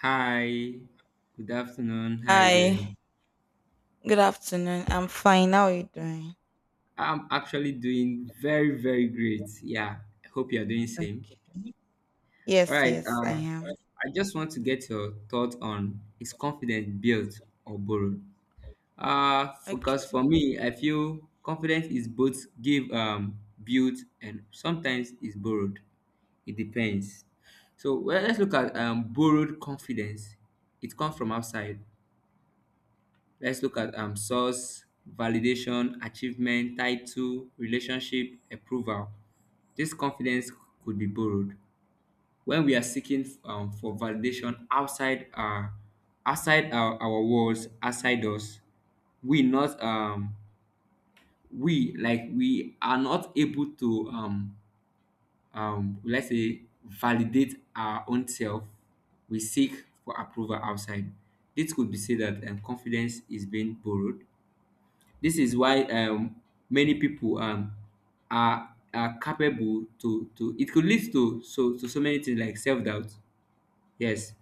Hi, good afternoon. How are you Hi, doing? good afternoon. I'm fine. How are you doing? I'm actually doing very, very great. Yeah, I hope you're doing same. Okay. All Yes, right, yes, I am. I just want to get your thought on is confidence built or borrowed? Because Okay. for me, I feel confidence is both give, built, and sometimes is borrowed. It depends. So well, let's look at borrowed confidence. It comes from outside. Let's look at source, validation, achievement, title, relationship, approval. This confidence could be borrowed when we are seeking for validation outside our walls, outside us. We not um we like we are not able to let's say validate our own self. We seek for approval outside. This could be said that confidence is being borrowed. This is why many people are capable to it could lead to so many things like self doubt. Yes,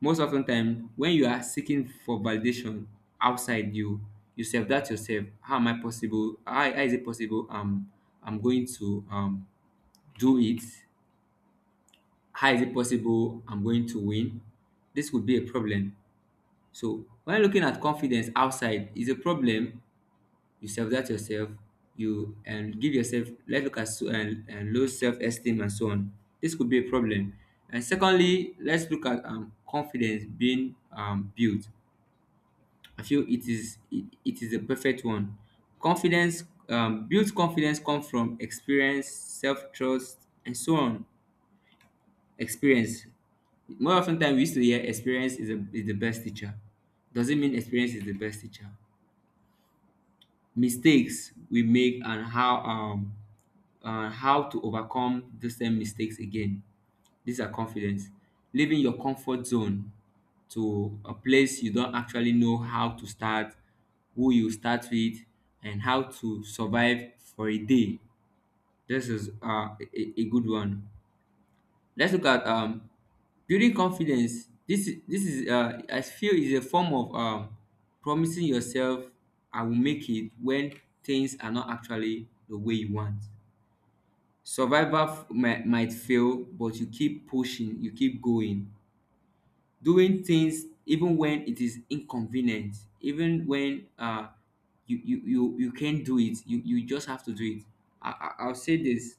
most often time when you are seeking for validation outside you, you self doubt yourself. How am I possible? How is it possible? I'm going to do it. How is it possible? I'm going to win. This would be a problem. So when looking at confidence outside is a problem, you self-doubt yourself, you and give yourself, let's look at so, and low self-esteem and so on. This could be a problem. And secondly, let's look at confidence being built. I feel it is it is the perfect one. Confidence built confidence comes from experience, self-trust, and so on. Experience, more often than we used to hear, experience is, a, is the best teacher. Doesn't mean experience is the best teacher. Mistakes we make and how to overcome the same mistakes again. These are confidence. Leaving your comfort zone to a place you don't actually know how to start, who you start with, and how to survive for a day. This is a, a good one. Let's look at building confidence. This is I feel is a form of promising yourself I will make it when things are not actually the way you want. Might fail, but you keep pushing, you keep going, doing things even when it is inconvenient, even when you can't do it, you just have to do it. I'll say this.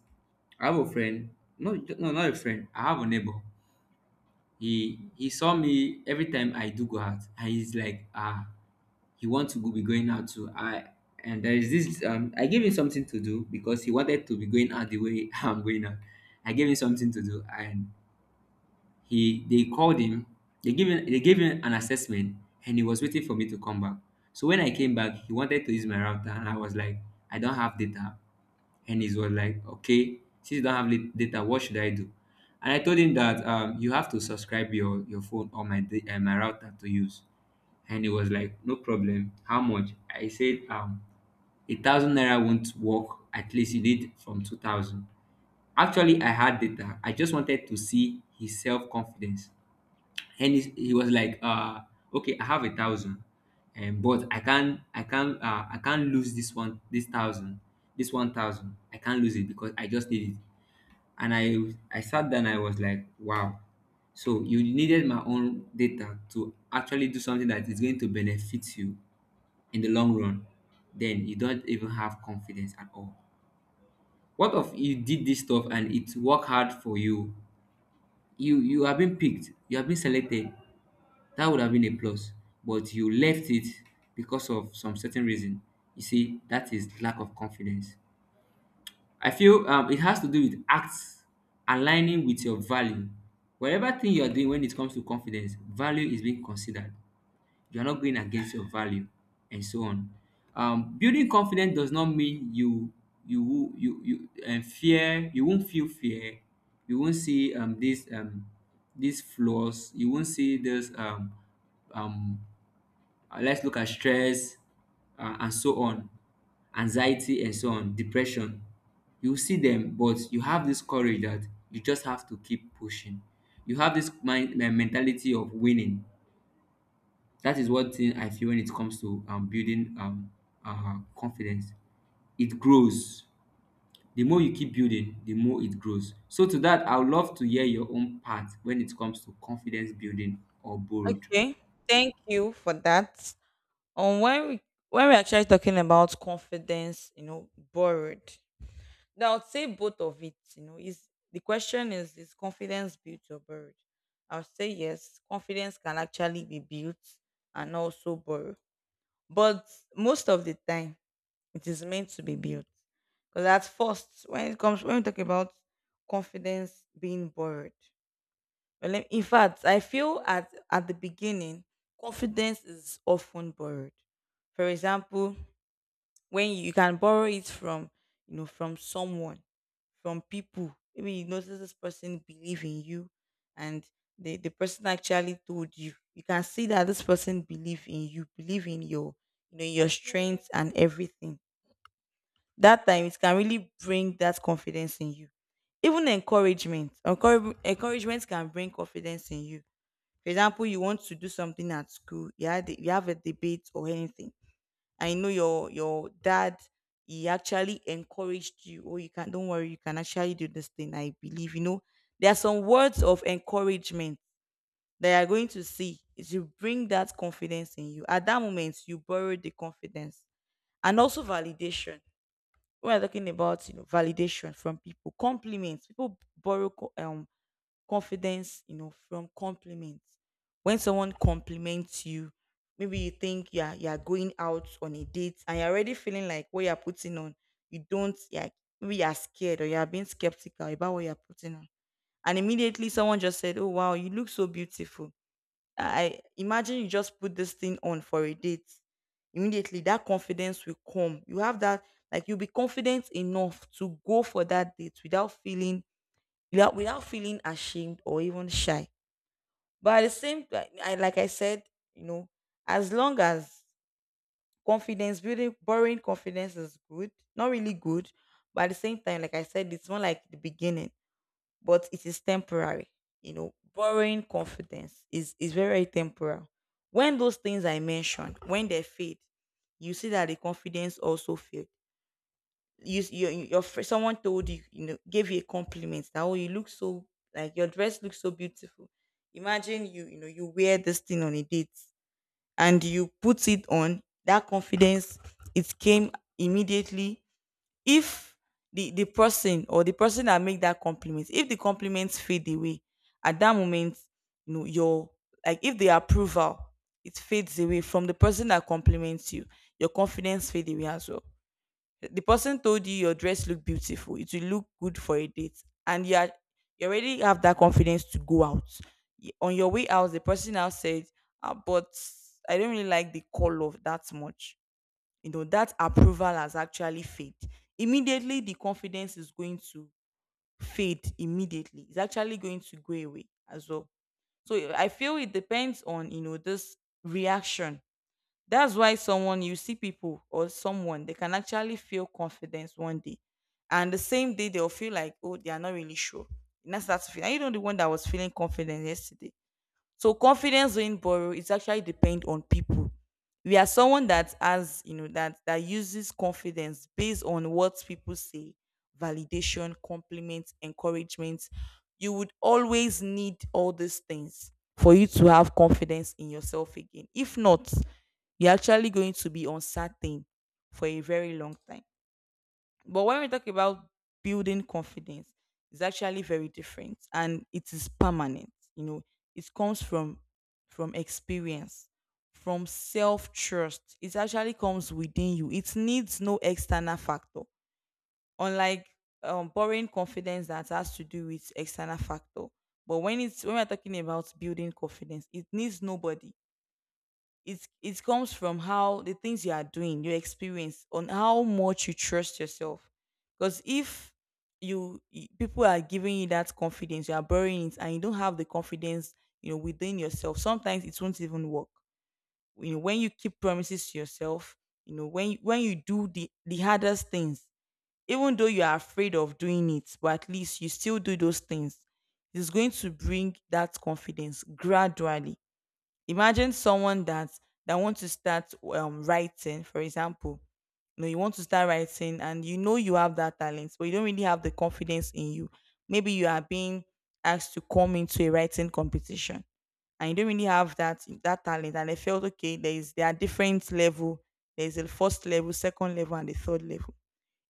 I have a friend, no, no, not a friend, I have a neighbor. He saw me every time I do go out, and he's like, ah, he wants to go be going out too. I and there is this I gave him something to do because he wanted to be going out the way I'm going out. I gave him something to do, and he they called him. They gave him an assessment, and he was waiting for me to come back. So when I came back, he wanted to use my router, and I was like, I don't have data. And he was like, okay, since you don't have data, what should I do? And I told him that you have to subscribe your phone or my my router to use. And he was like, no problem. How much? I said, 1,000 naira won't work. At least you need from 2,000. Actually, I had data. I just wanted to see his self confidence. And he was like okay, I have 1,000, and but I can't lose this one, this 1,000, this 1,000. I can't lose it because I just need it. And I sat down, I was like, wow, so you needed my own data to actually do something that is going to benefit you in the long run, then you don't even have confidence at all. What if you did this stuff and it worked hard for you? You have been picked, you have been selected. That would have been a plus, but you left it because of some certain reason. You see, that is lack of confidence. I feel it has to do with acts aligning with your value. Whatever thing you are doing when it comes to confidence, value is being considered. You are not going against your value, and so on. Building confidence does not mean you and fear. You won't feel fear. You won't see these flaws. You won't see this um let's look at stress and so on, anxiety and so on, depression. You see them, but you have this courage that you just have to keep pushing. You have this mind mentality of winning. That is one thing I feel when it comes to building confidence. It grows. The more you keep building, the more it grows. So to that, I would love to hear your own part when it comes to confidence building or bold. Okay. Thank you for that. Um, when we when we're actually talking about confidence, you know, borrowed. Now I would say both of it, you know, is the question is confidence built or borrowed? I would say yes, confidence can actually be built and also borrowed. But most of the time it is meant to be built. Because at first, when it comes when we talk about confidence being borrowed, well, in fact, I feel at the beginning, confidence is often borrowed. For example, when you can borrow it from, you know, from someone, from people. Maybe you notice this person believe in you, and the person actually told you. You can see that this person believe in you, believe in your, you know, your strength and everything. That time it can really bring that confidence in you. Even encouragement, encouragement can bring confidence in you. For example, you want to do something at school. You had you have a debate or anything. I know your dad, he actually encouraged you. Oh, you can, don't worry, you can actually do this thing. I believe, you know, there are some words of encouragement that you are going to see. It will bring that confidence in you. At that moment, you borrow the confidence. And also validation. When we're talking about, you know, validation from people, compliments. People borrow confidence, you know, from compliments. When someone compliments you, maybe you think, yeah, you're going out on a date and you're already feeling like what you're putting on, you don't, yeah, maybe you're scared or you're being skeptical about what you're putting on, and immediately someone just said, "Oh wow, you look so beautiful." I imagine you just put this thing on for a date. Immediately that confidence will come. You have that, you'll be confident enough to go for that date without feeling, without feeling ashamed or even shy. But at the same, like I said, you know, as long as confidence building borrowing confidence is good, not really good, but at the same time, like I said, it's more like the beginning, but it is temporary. You know, borrowing confidence is very, very temporal. When those things I mentioned, when they fade, you see that the confidence also fade. You, s- your fr- Someone told you, you know, gave you a compliment that, oh, you look so, like, your dress looks so beautiful. Imagine you, you know, you wear this thing on a date and you put it on. That confidence, it came immediately. If the person that make that compliment, if the compliments fade away at that moment, you know, your, like, if the approval, it fades away from the person that compliments you, your confidence fade away as well. The person told you your dress look beautiful, it will look good for a date, and you are, you already have that confidence to go out. On your way out, the person now said, ah, but I don't really like the color that much. You know that approval has actually fade. Immediately the confidence is going to fade. Immediately it's actually going to go away as well. So, eh, I feel it depends on, you know, this reaction. That's why someone, you see, people or someone, they can actually feel confidence one day and the same day they'll feel like, oh, they are not really sure. And that's and, you know, the one that was feeling confident yesterday. So confidence in borrow, it's actually depend on people. We are someone that has, you know, that uses confidence based on what people say, validation, compliment, encouragement. You would always need all these things for you to have confidence in yourself again. If not, you're actually going to be uncertain for a very long time. But when we talk about building confidence, it's actually very different and it is permanent. You know, it comes from experience, from self-trust. It actually comes within you. It needs no external factor. Unlike borrowing confidence, that has to do with external factor. But when it's when we're talking about building confidence, it needs nobody. It comes from how the things you are doing, your experience, on how much you trust yourself. Because if you, people are giving you that confidence, you are borrowing it, and you don't have the confidence, you know, within yourself. Sometimes it won't even work. You know, when you keep promises to yourself, you know, when you do the hardest things, even though you are afraid of doing it, but at least you still do those things. It's going to bring that confidence gradually. Imagine someone that wants to start writing, for example. You know, you want to start writing and you know you have that talent, but you don't really have the confidence in you. Maybe you are being asked to come into a writing competition and you don't really have that talent. And I felt, okay, there are different level. There is a first level, second level, and the third level.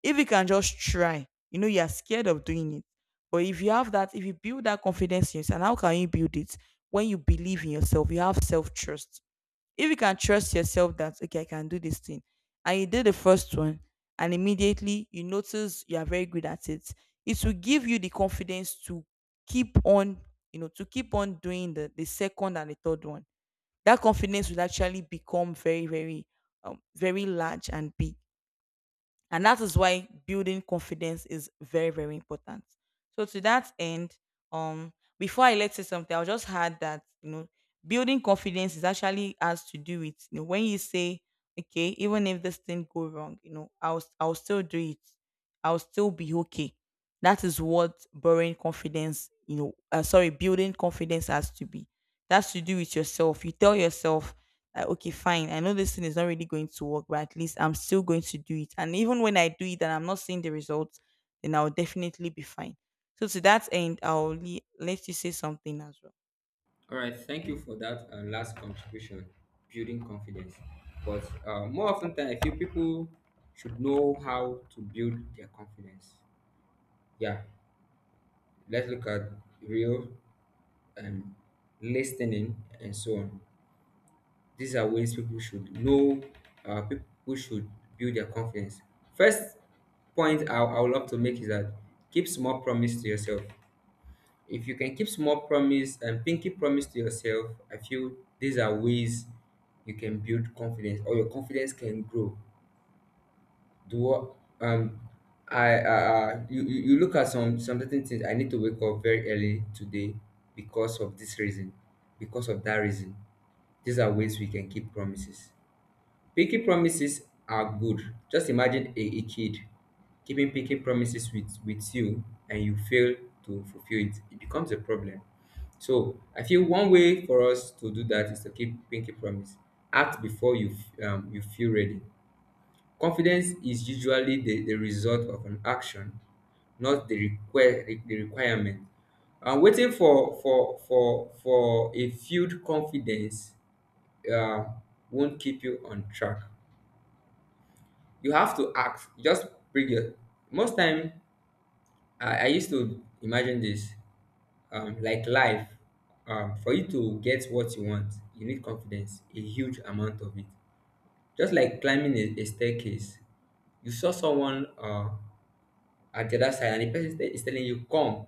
If you can just try, you know, you're scared of doing it. But if you have that, if you build that confidence in yourself, and how can you build it? When you believe in yourself, you have self trust. If you can trust yourself that, okay, I can do this thing, and you did the first one, and immediately you notice you are very good at it, it will give you the confidence to keep on, you know, to keep on doing the second and the third one. That confidence will actually become very large and big. And that is why building confidence is very, very important. So to that end, um, before I let say something, I'll just add that, you know, building confidence is actually has to do with, you know, when you say, okay, even if this thing go wrong, you know, I'll still do it. I'll still be okay. That is what borrowing confidence, you know, sorry, building confidence has to be. That's to do with yourself. You tell yourself, like, okay, fine. I know this thing is not really going to work, but at least I'm still going to do it. And even when I do it and I'm not seeing the results, then I'll definitely be fine. So to that end, I'll let you say something as well. All right, thank you for that last contribution, building confidence. But more often than I feel people should know how to build their confidence. Yeah, let's look at real and listening and so on. These are ways people should know. People should build their confidence. First point I would love to make is that keep small promise to yourself. If you can keep small promise and pinky promise to yourself, I feel these are ways you can build confidence or your confidence can grow. Do what um I you look at some certain things. I need to wake up very early today because of this reason, because of that reason. These are ways we can keep promises. Picky promises are good. Just imagine a kid keeping picky promises with you and you fail to fulfill it. It becomes a problem. So I feel one way for us to do that is to keep pinky promise. Act before you you feel ready. Confidence is usually the result of an action, not the require the requirement. I'm waiting for a field confidence uh, won't keep you on track. You have to ask. Just bring your. Most time, I used to imagine this, like life. For you to get what you want, you need confidence, a huge amount of it. Just like climbing a staircase, you saw someone at the other side, and the person is telling you come,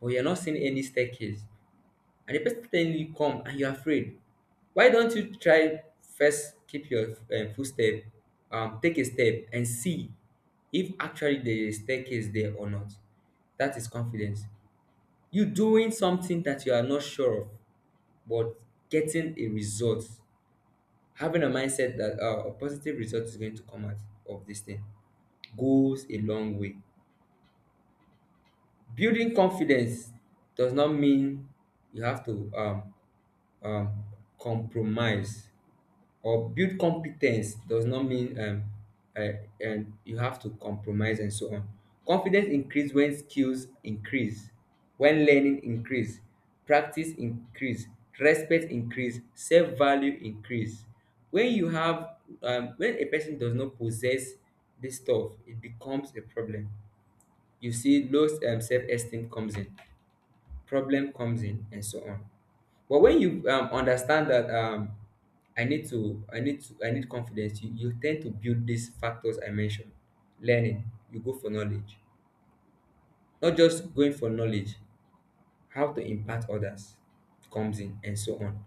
but you're not seeing any staircase, and the person is telling you come, and you're afraid. Why don't you try first keep your footstep, take a step and see if actually there is a staircase there or not. That is confidence, you doing something that you are not sure of, but getting a result, having a mindset that a positive result is going to come out of this thing goes a long way. Building confidence does not mean you have to um, compromise, or build competence does not mean uh, you have to compromise and so on. Confidence increase when skills increase, when learning increase, practice increase, respect increase, self value increase. When you have, when a person does not possess this stuff, it becomes a problem. You see, low self esteem comes in, problem comes in, and so on. But when you understand that I need confidence. You tend to build these factors I mentioned. Learning, you go for knowledge. Not just going for knowledge, how to impact others comes in and so on.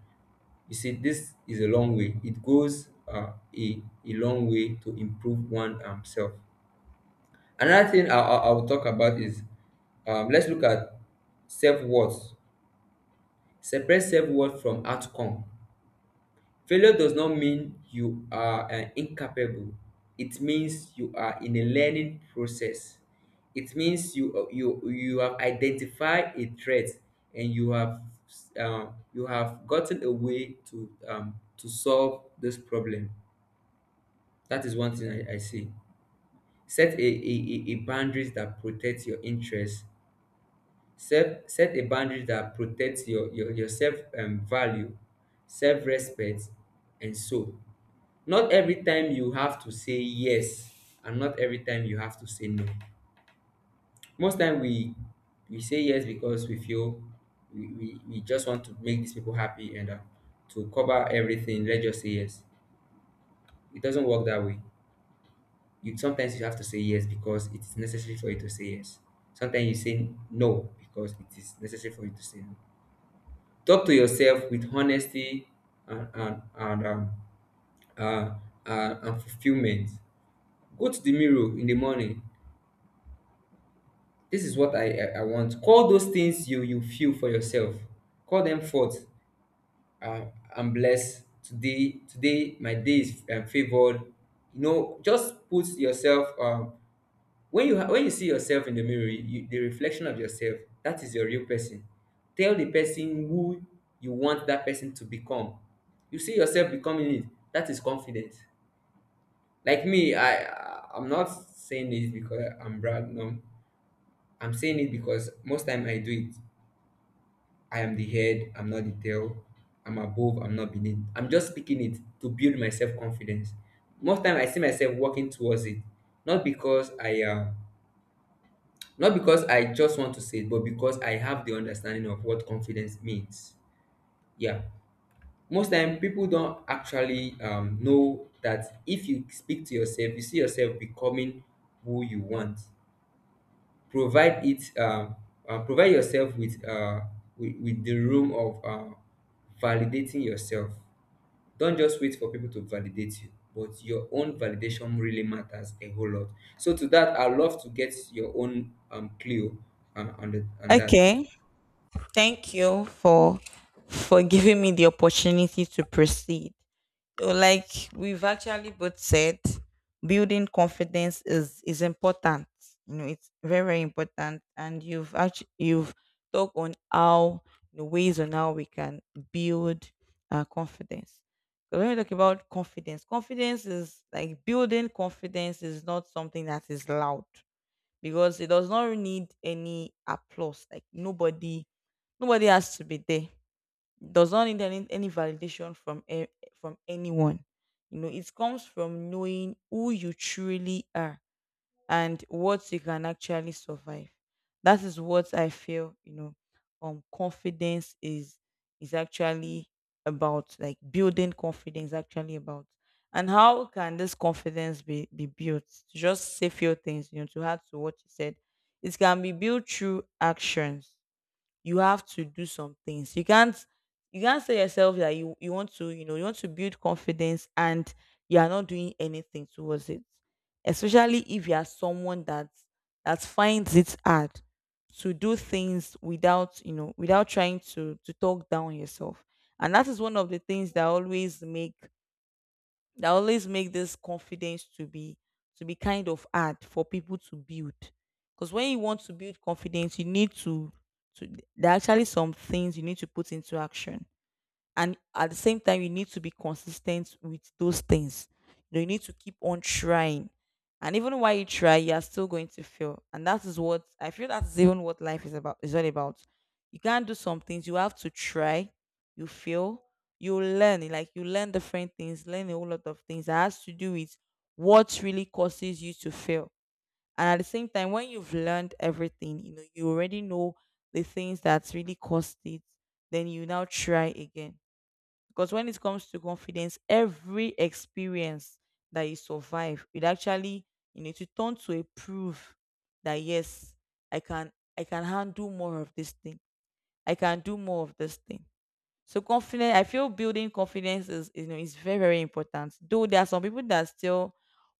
You see, this is a long way. It goes a long way to improve one self. Another thing I will talk about is let's look at self-worth. Separate self-worth from outcome. Failure does not mean you are incapable. It means you are in a learning process. It means you you have identified a threat and you have gotten a way to solve this problem. That is one thing I see. Set a boundaries that protects your interests. Set a boundary that protects your, your self value, self respect, and so, not every time you have to say yes and not every time you have to say no. Most time we say yes because we feel we just want to make these people happy, and to cover everything let's just say yes. It doesn't work that way. You, sometimes you have to say yes because it is necessary for you to say yes. Sometimes you say no because it is necessary for you to say no. Talk to yourself with honesty and and, and um, uh, and fulfillment. Go to the mirror in the morning. This is what I want. Call those things you feel for yourself. Call them forth. Uh, I'm blessed today. Today my day is favored. You know, just put yourself. When you see yourself in the mirror, you, the reflection of yourself, that is your real person. Tell the person who you want that person to become. You see yourself becoming it. That is confidence. Like me, I'm not saying it because I'm brag. No, I'm saying it because most time I do it. I am the head, I'm not the tail. I'm above, I'm not beneath. I'm just speaking it to build my self confidence. Most time I see myself walking towards it, not because I am, not because I just want to say it, but because I have the understanding of what confidence means. Yeah, most time people don't actually know that if you speak to yourself, you see yourself becoming who you want. Provide it provide yourself with with the room of validating yourself. Don't just wait for people to validate you, but your own validation really matters a whole lot. So to that, I'd love to get your own clue on the on that. Okay. Thank you for giving me the opportunity to proceed. So like we've actually both said, building confidence is important. You know, it's very, very important. And you've actually you've talked on how the ways on how we can build confidence. So when we talk about confidence, confidence is, like, building confidence is not something that is loud because it does not need any applause. Like nobody, nobody has to be there. Does not need any validation from from anyone. You know, it comes from knowing who you truly are and what you can actually survive. That is what I feel. You know, confidence is actually about, like, building confidence actually about, and how can this confidence be built? To just say few things, you know, to add to what you said, it can be built through actions. You have to do some things. You can't, you can't say yourself that you want to, you know, you want to build confidence and you are not doing anything towards it. Especially if you are someone that finds it hard to do things without, you know, without trying to talk down yourself. And that is one of the things that always make this confidence to be kind of hard for people to build, because when you want to build confidence you need to there are actually some things you need to put into action, and at the same time you need to be consistent with those things. You know, you need to keep on trying, and even while you try you are still going to fail. And that is what I feel, that is even what life is about, is all about. You can't do some things, you have to try, you fail, you learn. Like you learn different things, learn a whole lot of things that has to do with what really causes you to fail. And at the same time, when you've learned everything, you know, you already know the things that really caused it, then you now try again. Because when it comes to confidence, every experience that you survive, it actually, you know, to turn to a proof that yes, I can, I can handle more of this thing. I can do more of this thing. So confidence, I feel building confidence is, you know, is very, very important. Though there are some people that still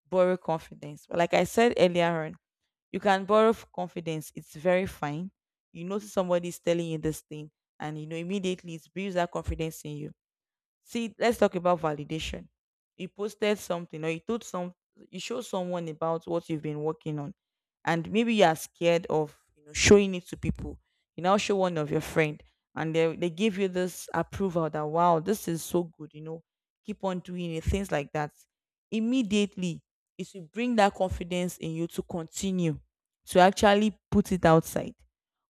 borrow confidence, but like I said earlier on, you can borrow confidence. It's very fine. You notice somebody is telling you this thing, and you know immediately it builds that confidence in you. See, let's talk about validation. You posted something, or you told some you show someone about what you've been working on, and maybe you are scared of, you know, showing it to people. You now show one of your friend, and they give you this approval that wow, this is so good, you know, keep on doing it, things like that. Immediately it will bring that confidence in you to continue, to actually put it outside.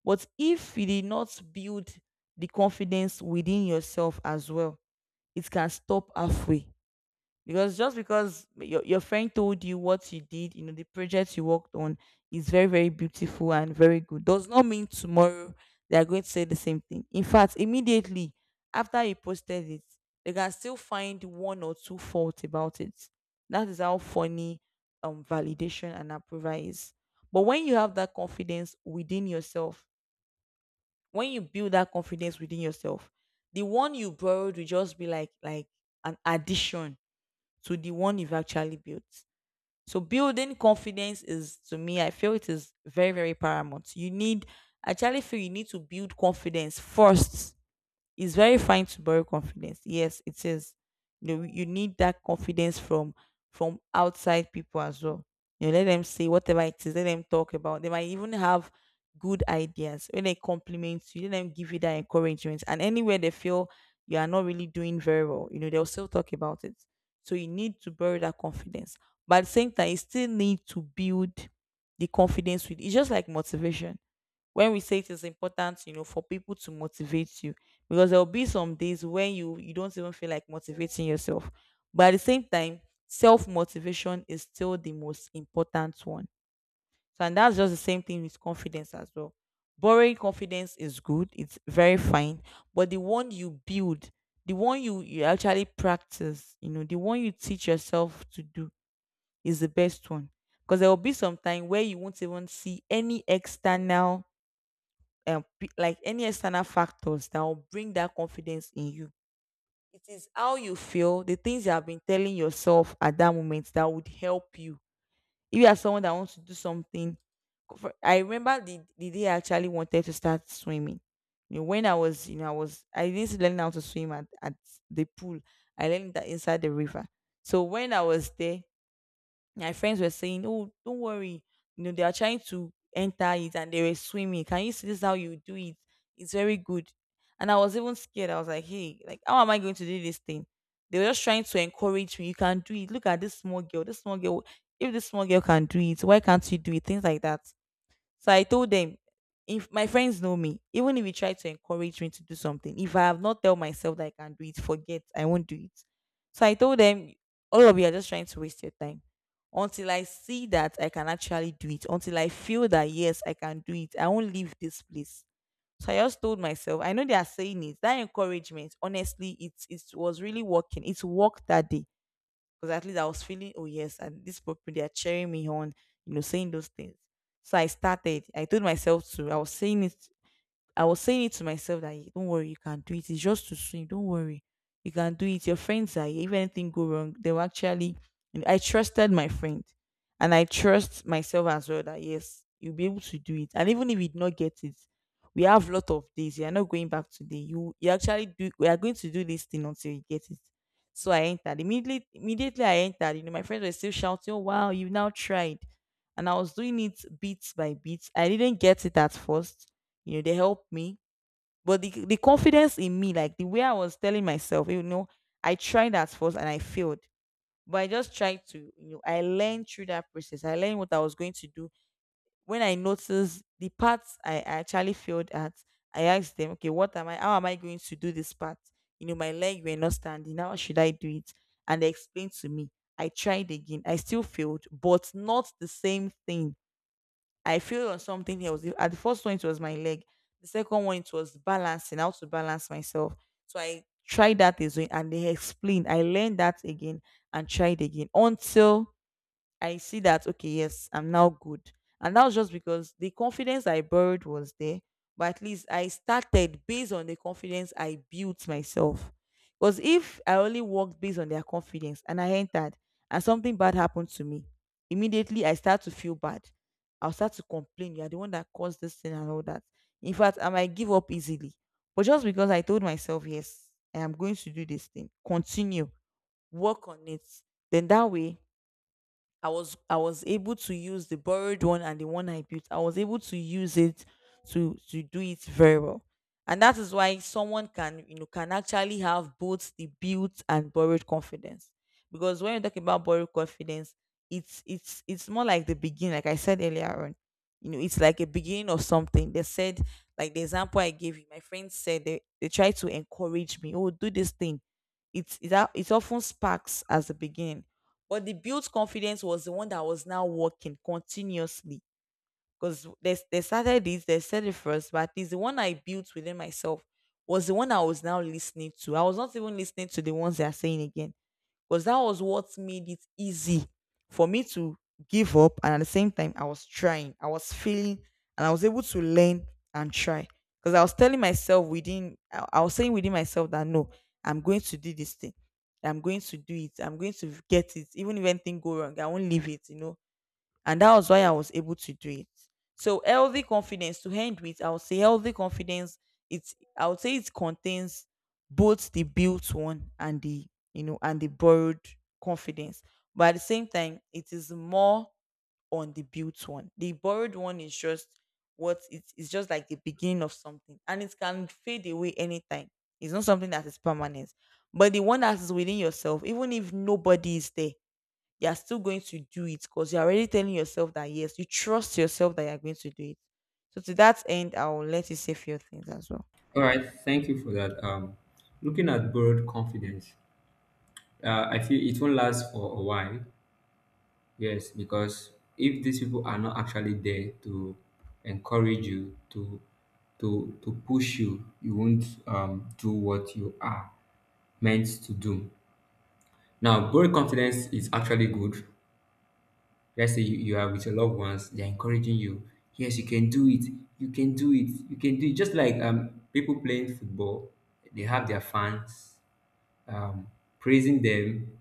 But if you did not build the confidence within yourself as well, it can stop halfway. Because just because your friend told you what you did, you know, the project you worked on is very, very beautiful and very good, does not mean tomorrow they are going to say the same thing. In fact, immediately after you posted it, they can still find one or two faults about it. That is how funny validation and approval is. But when you have that confidence within yourself, when you build that confidence within yourself, the one you borrowed will just be like an addition to the one you've actually built. So building confidence is, to me, I feel it is very, very paramount. You need, I actually feel you need to build confidence first. It's very fine to borrow confidence. Yes, it is. You know, you need that confidence from outside people as well. You know, let them say whatever it is. Let them talk about. They might even have good ideas. When they compliment you, let them give you that encouragement. And anywhere they feel you are not really doing very well, you know, they'll still talk about it. So you need to borrow that confidence. But at the same time, you still need to build the confidence with. It's just like motivation, when we say it is important, you know, for people to motivate you, because there will be some days when you don't even feel like motivating yourself. But at the same time, self motivation is still the most important one. So and that's just the same thing with confidence as well. Borrowing confidence is good, it's very fine, but the one you build, the one you you actually practice, you know, the one you teach yourself to do is the best one. Because there will be some time where you won't even see any external like any external factors that will bring that confidence in you. It is how you feel, the things you have been telling yourself at that moment that would help you. If you are someone that wants to do something, I remember the day I actually wanted to start swimming. You know, when I was, you know, I was, I didn't learn how to swim at the pool. I learned that inside the river. So when I was there, my friends were saying, "Oh, don't worry, you know they are trying to enter it," and they were swimming. "Can you see this? How you do it? It's very good." And I was even scared. I was like, "Hey, like how am I going to do this thing?" They were just trying to encourage me. "You can do it. Look at this small girl. This small girl. If this small girl can do it, why can't you do it?" Things like that. So I told them, if my friends know me, even if you try to encourage me to do something, if I have not tell myself that I can do it, forget, I won't do it. So I told them, all of you are just trying to waste your time. Until I see that I can actually do it, until I feel that yes, I can do it, I won't leave this place. So I just told myself, I know they are saying it. That encouragement, honestly, it was really working. It worked that day because at least I was feeling, oh yes, and this people they are cheering me on, you know, saying those things. So I started. I told myself to. I was saying it to myself that "Hey, don't worry, you can do it. It's just too soon. Don't worry, you can do it. Your friends are here. If anything go wrong, they will actually." And I trusted my friend, and I trust myself as well that yes, you'll be able to do it. And even if you did not get it, we have lot of days. You are not going back today. You actually do. We are going to do this thing until you get it. So I entered immediately. Immediately I entered. You know, my friends were still shouting, "Oh, wow, you've now tried!" And I was doing it bit by bit. I didn't get it at first, you know, they helped me. But the confidence in me, like the way I was telling myself, you know, I tried at first and I failed, but I just tried to, you know, I learned through that process, I learned what I was going to do. When I noticed the parts I actually failed at, I asked them, okay, what am I how am I going to do this part? You know, my leg were not standing, how should I do it? And they explained to me. I tried again, I still failed, but not the same thing. I failed on something else. At the first one, it was my leg. The second one, it was balancing, how to balance myself. So I tried that as well, and they explained. I learned that again and tried again until I see that okay, yes, I'm now good. And that was just because the confidence I borrowed was there, but at least I started based on the confidence I built myself. Because if I only worked based on their confidence, and I entered, and something bad happened to me, immediately I start to feel bad. I'll start to complain. You're the one that caused this thing and all that. In fact, I might give up easily. But just because I told myself, yes, I am going to do this thing, continue, work on it, then that way I was able to use the borrowed one and the one I built. I was able to use it to do it very well. And that is why someone can, you know, can actually have both the built and borrowed confidence. Because when you talk about borrowed confidence, it's more like the beginning, like I said earlier on. You know, it's like a beginning of something. They said, like the example I gave you, my friends said they tried to encourage me, oh, do this thing. It's often sparks as a beginning, but the built confidence was the one that was now working continuously. Because they started this, they said it first, but at least the one I built within myself was the one I was now listening to. I was not even listening to the ones they are saying again, because that was what made it easy for me to give up. And at the same time, I was trying, I was feeling, and I was able to learn and try. Because I was telling myself within, I was saying within myself that no, I'm going to do this thing. I'm going to do it. I'm going to get it. Even if anything go wrong, I won't leave it. You know, and that was why I was able to do it. So healthy confidence, to end with, I would say healthy confidence, it's I would say it contains both the built one and the, you know, and the borrowed confidence. But at the same time, it is more on the built one. The borrowed one is just what it is, just like the beginning of something, and it can fade away anytime. It's not something that is permanent. But the one that is within yourself, even if nobody is there, you're still going to do it because you're already telling yourself that yes, you trust yourself that you're going to do it. So to that end, I will let you say few things as well. All right, thank you for that. Looking at borrowed confidence, I feel it won't last for a while. Yes, because if these people are not actually there to encourage you, to to push you, you won't do what you are meant to do. Now, growing confidence is actually good. Let's say you are with your loved ones, they're encouraging you. Yes, you can do it. You can do it. You can do it. Just like people playing football, they have their fans um, praising them,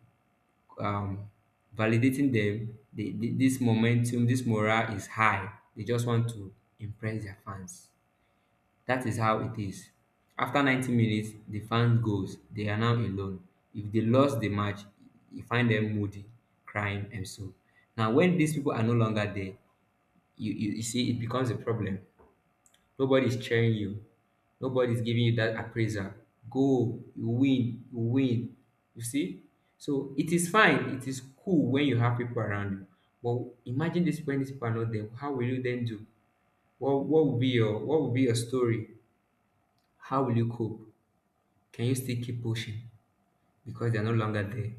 um, validating them. This momentum, this morale is high. They just want to impress their fans. That is how it is. After 90 minutes, the fans goes. They are now alone. If they lost the match, you find them moody, crying, and so. Now, when these people are no longer there, you see it becomes a problem. Nobody's cheering you. Nobody's giving you that appraisal. Go, you win, you win. You see? So it is fine, it is cool when you have people around you. But imagine this when these people are not there. How will you then do? What will be your, what will be your story? How will you cope? Can you still keep pushing? Because they're no longer there.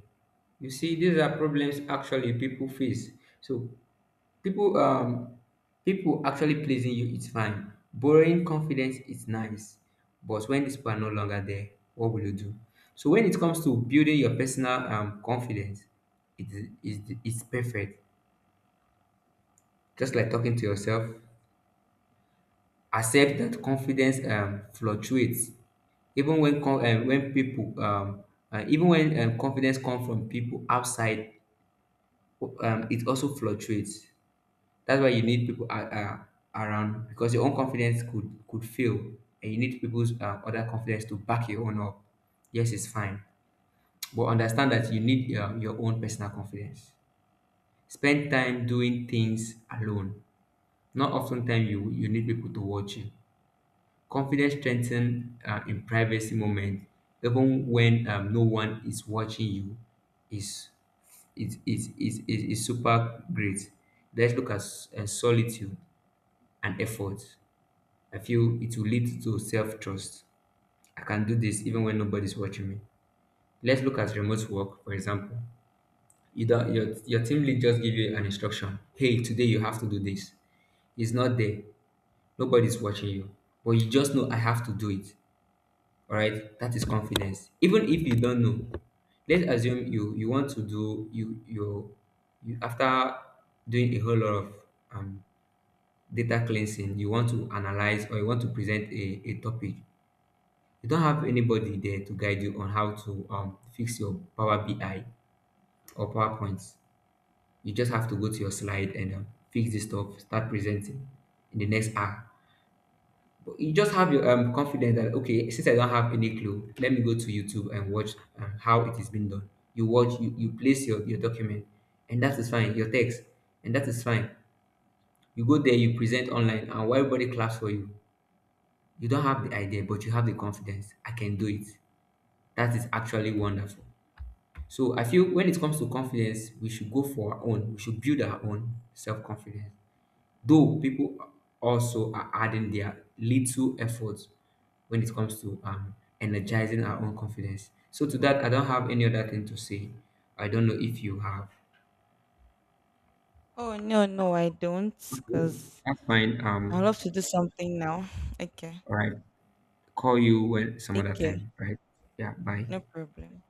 You see, these are problems actually people face. So, People um people actually pleasing you is fine. Borrowing confidence is nice. But when these people are no longer there, what will you do? So when it comes to building your personal confidence, it's perfect. Just like talking to yourself, accept that confidence fluctuates. Even when con- um, when people um even when confidence comes from people outside, it also fluctuates. That's why you need people are, around, because your own confidence could fail, and you need people's other confidence to back your own up. Yes, it's fine, but understand that you need your own personal confidence. Spend time doing things alone. Not often time you need people to watch you. Confidence strengthen in privacy moment, even when no one is watching you, is is super great. Let's look at solitude and effort. I feel it will lead to self trust. I can do this even when nobody's watching me. Let's look at remote work, for example. Either your team lead just give you an instruction. Hey, today you have to do this. It's not there. Nobody's watching you. But you just know I have to do it. Alright? That is confidence. Even if you don't know. Let's assume you you want to do you you, you, after doing a whole lot of um, data cleansing, you want to analyze or you want to present a topic. You don't have anybody there to guide you on how to fix your Power BI or PowerPoint. You just have to go to your slide and fix this stuff, start presenting in the next hour. But you just have your confidence that, okay, since I don't have any clue, let me go to YouTube and watch how it is being done. You watch, you place your document, and that is fine, your text, and that is fine. You go there, you present online, and while everybody claps for you. You don't have the idea, but you have the confidence. I can do it. That is actually wonderful. So I feel when it comes to confidence, we should go for our own. We should build our own self confidence. Though people also are adding their little efforts when it comes to energizing our own confidence. So to that, I don't have any other thing to say. I don't know if you have. Oh no, no, I don't, Okay, because that's fine. I love to do something now. Okay, All right. Call you when some take other care, time. Right? Yeah. Bye. no problem.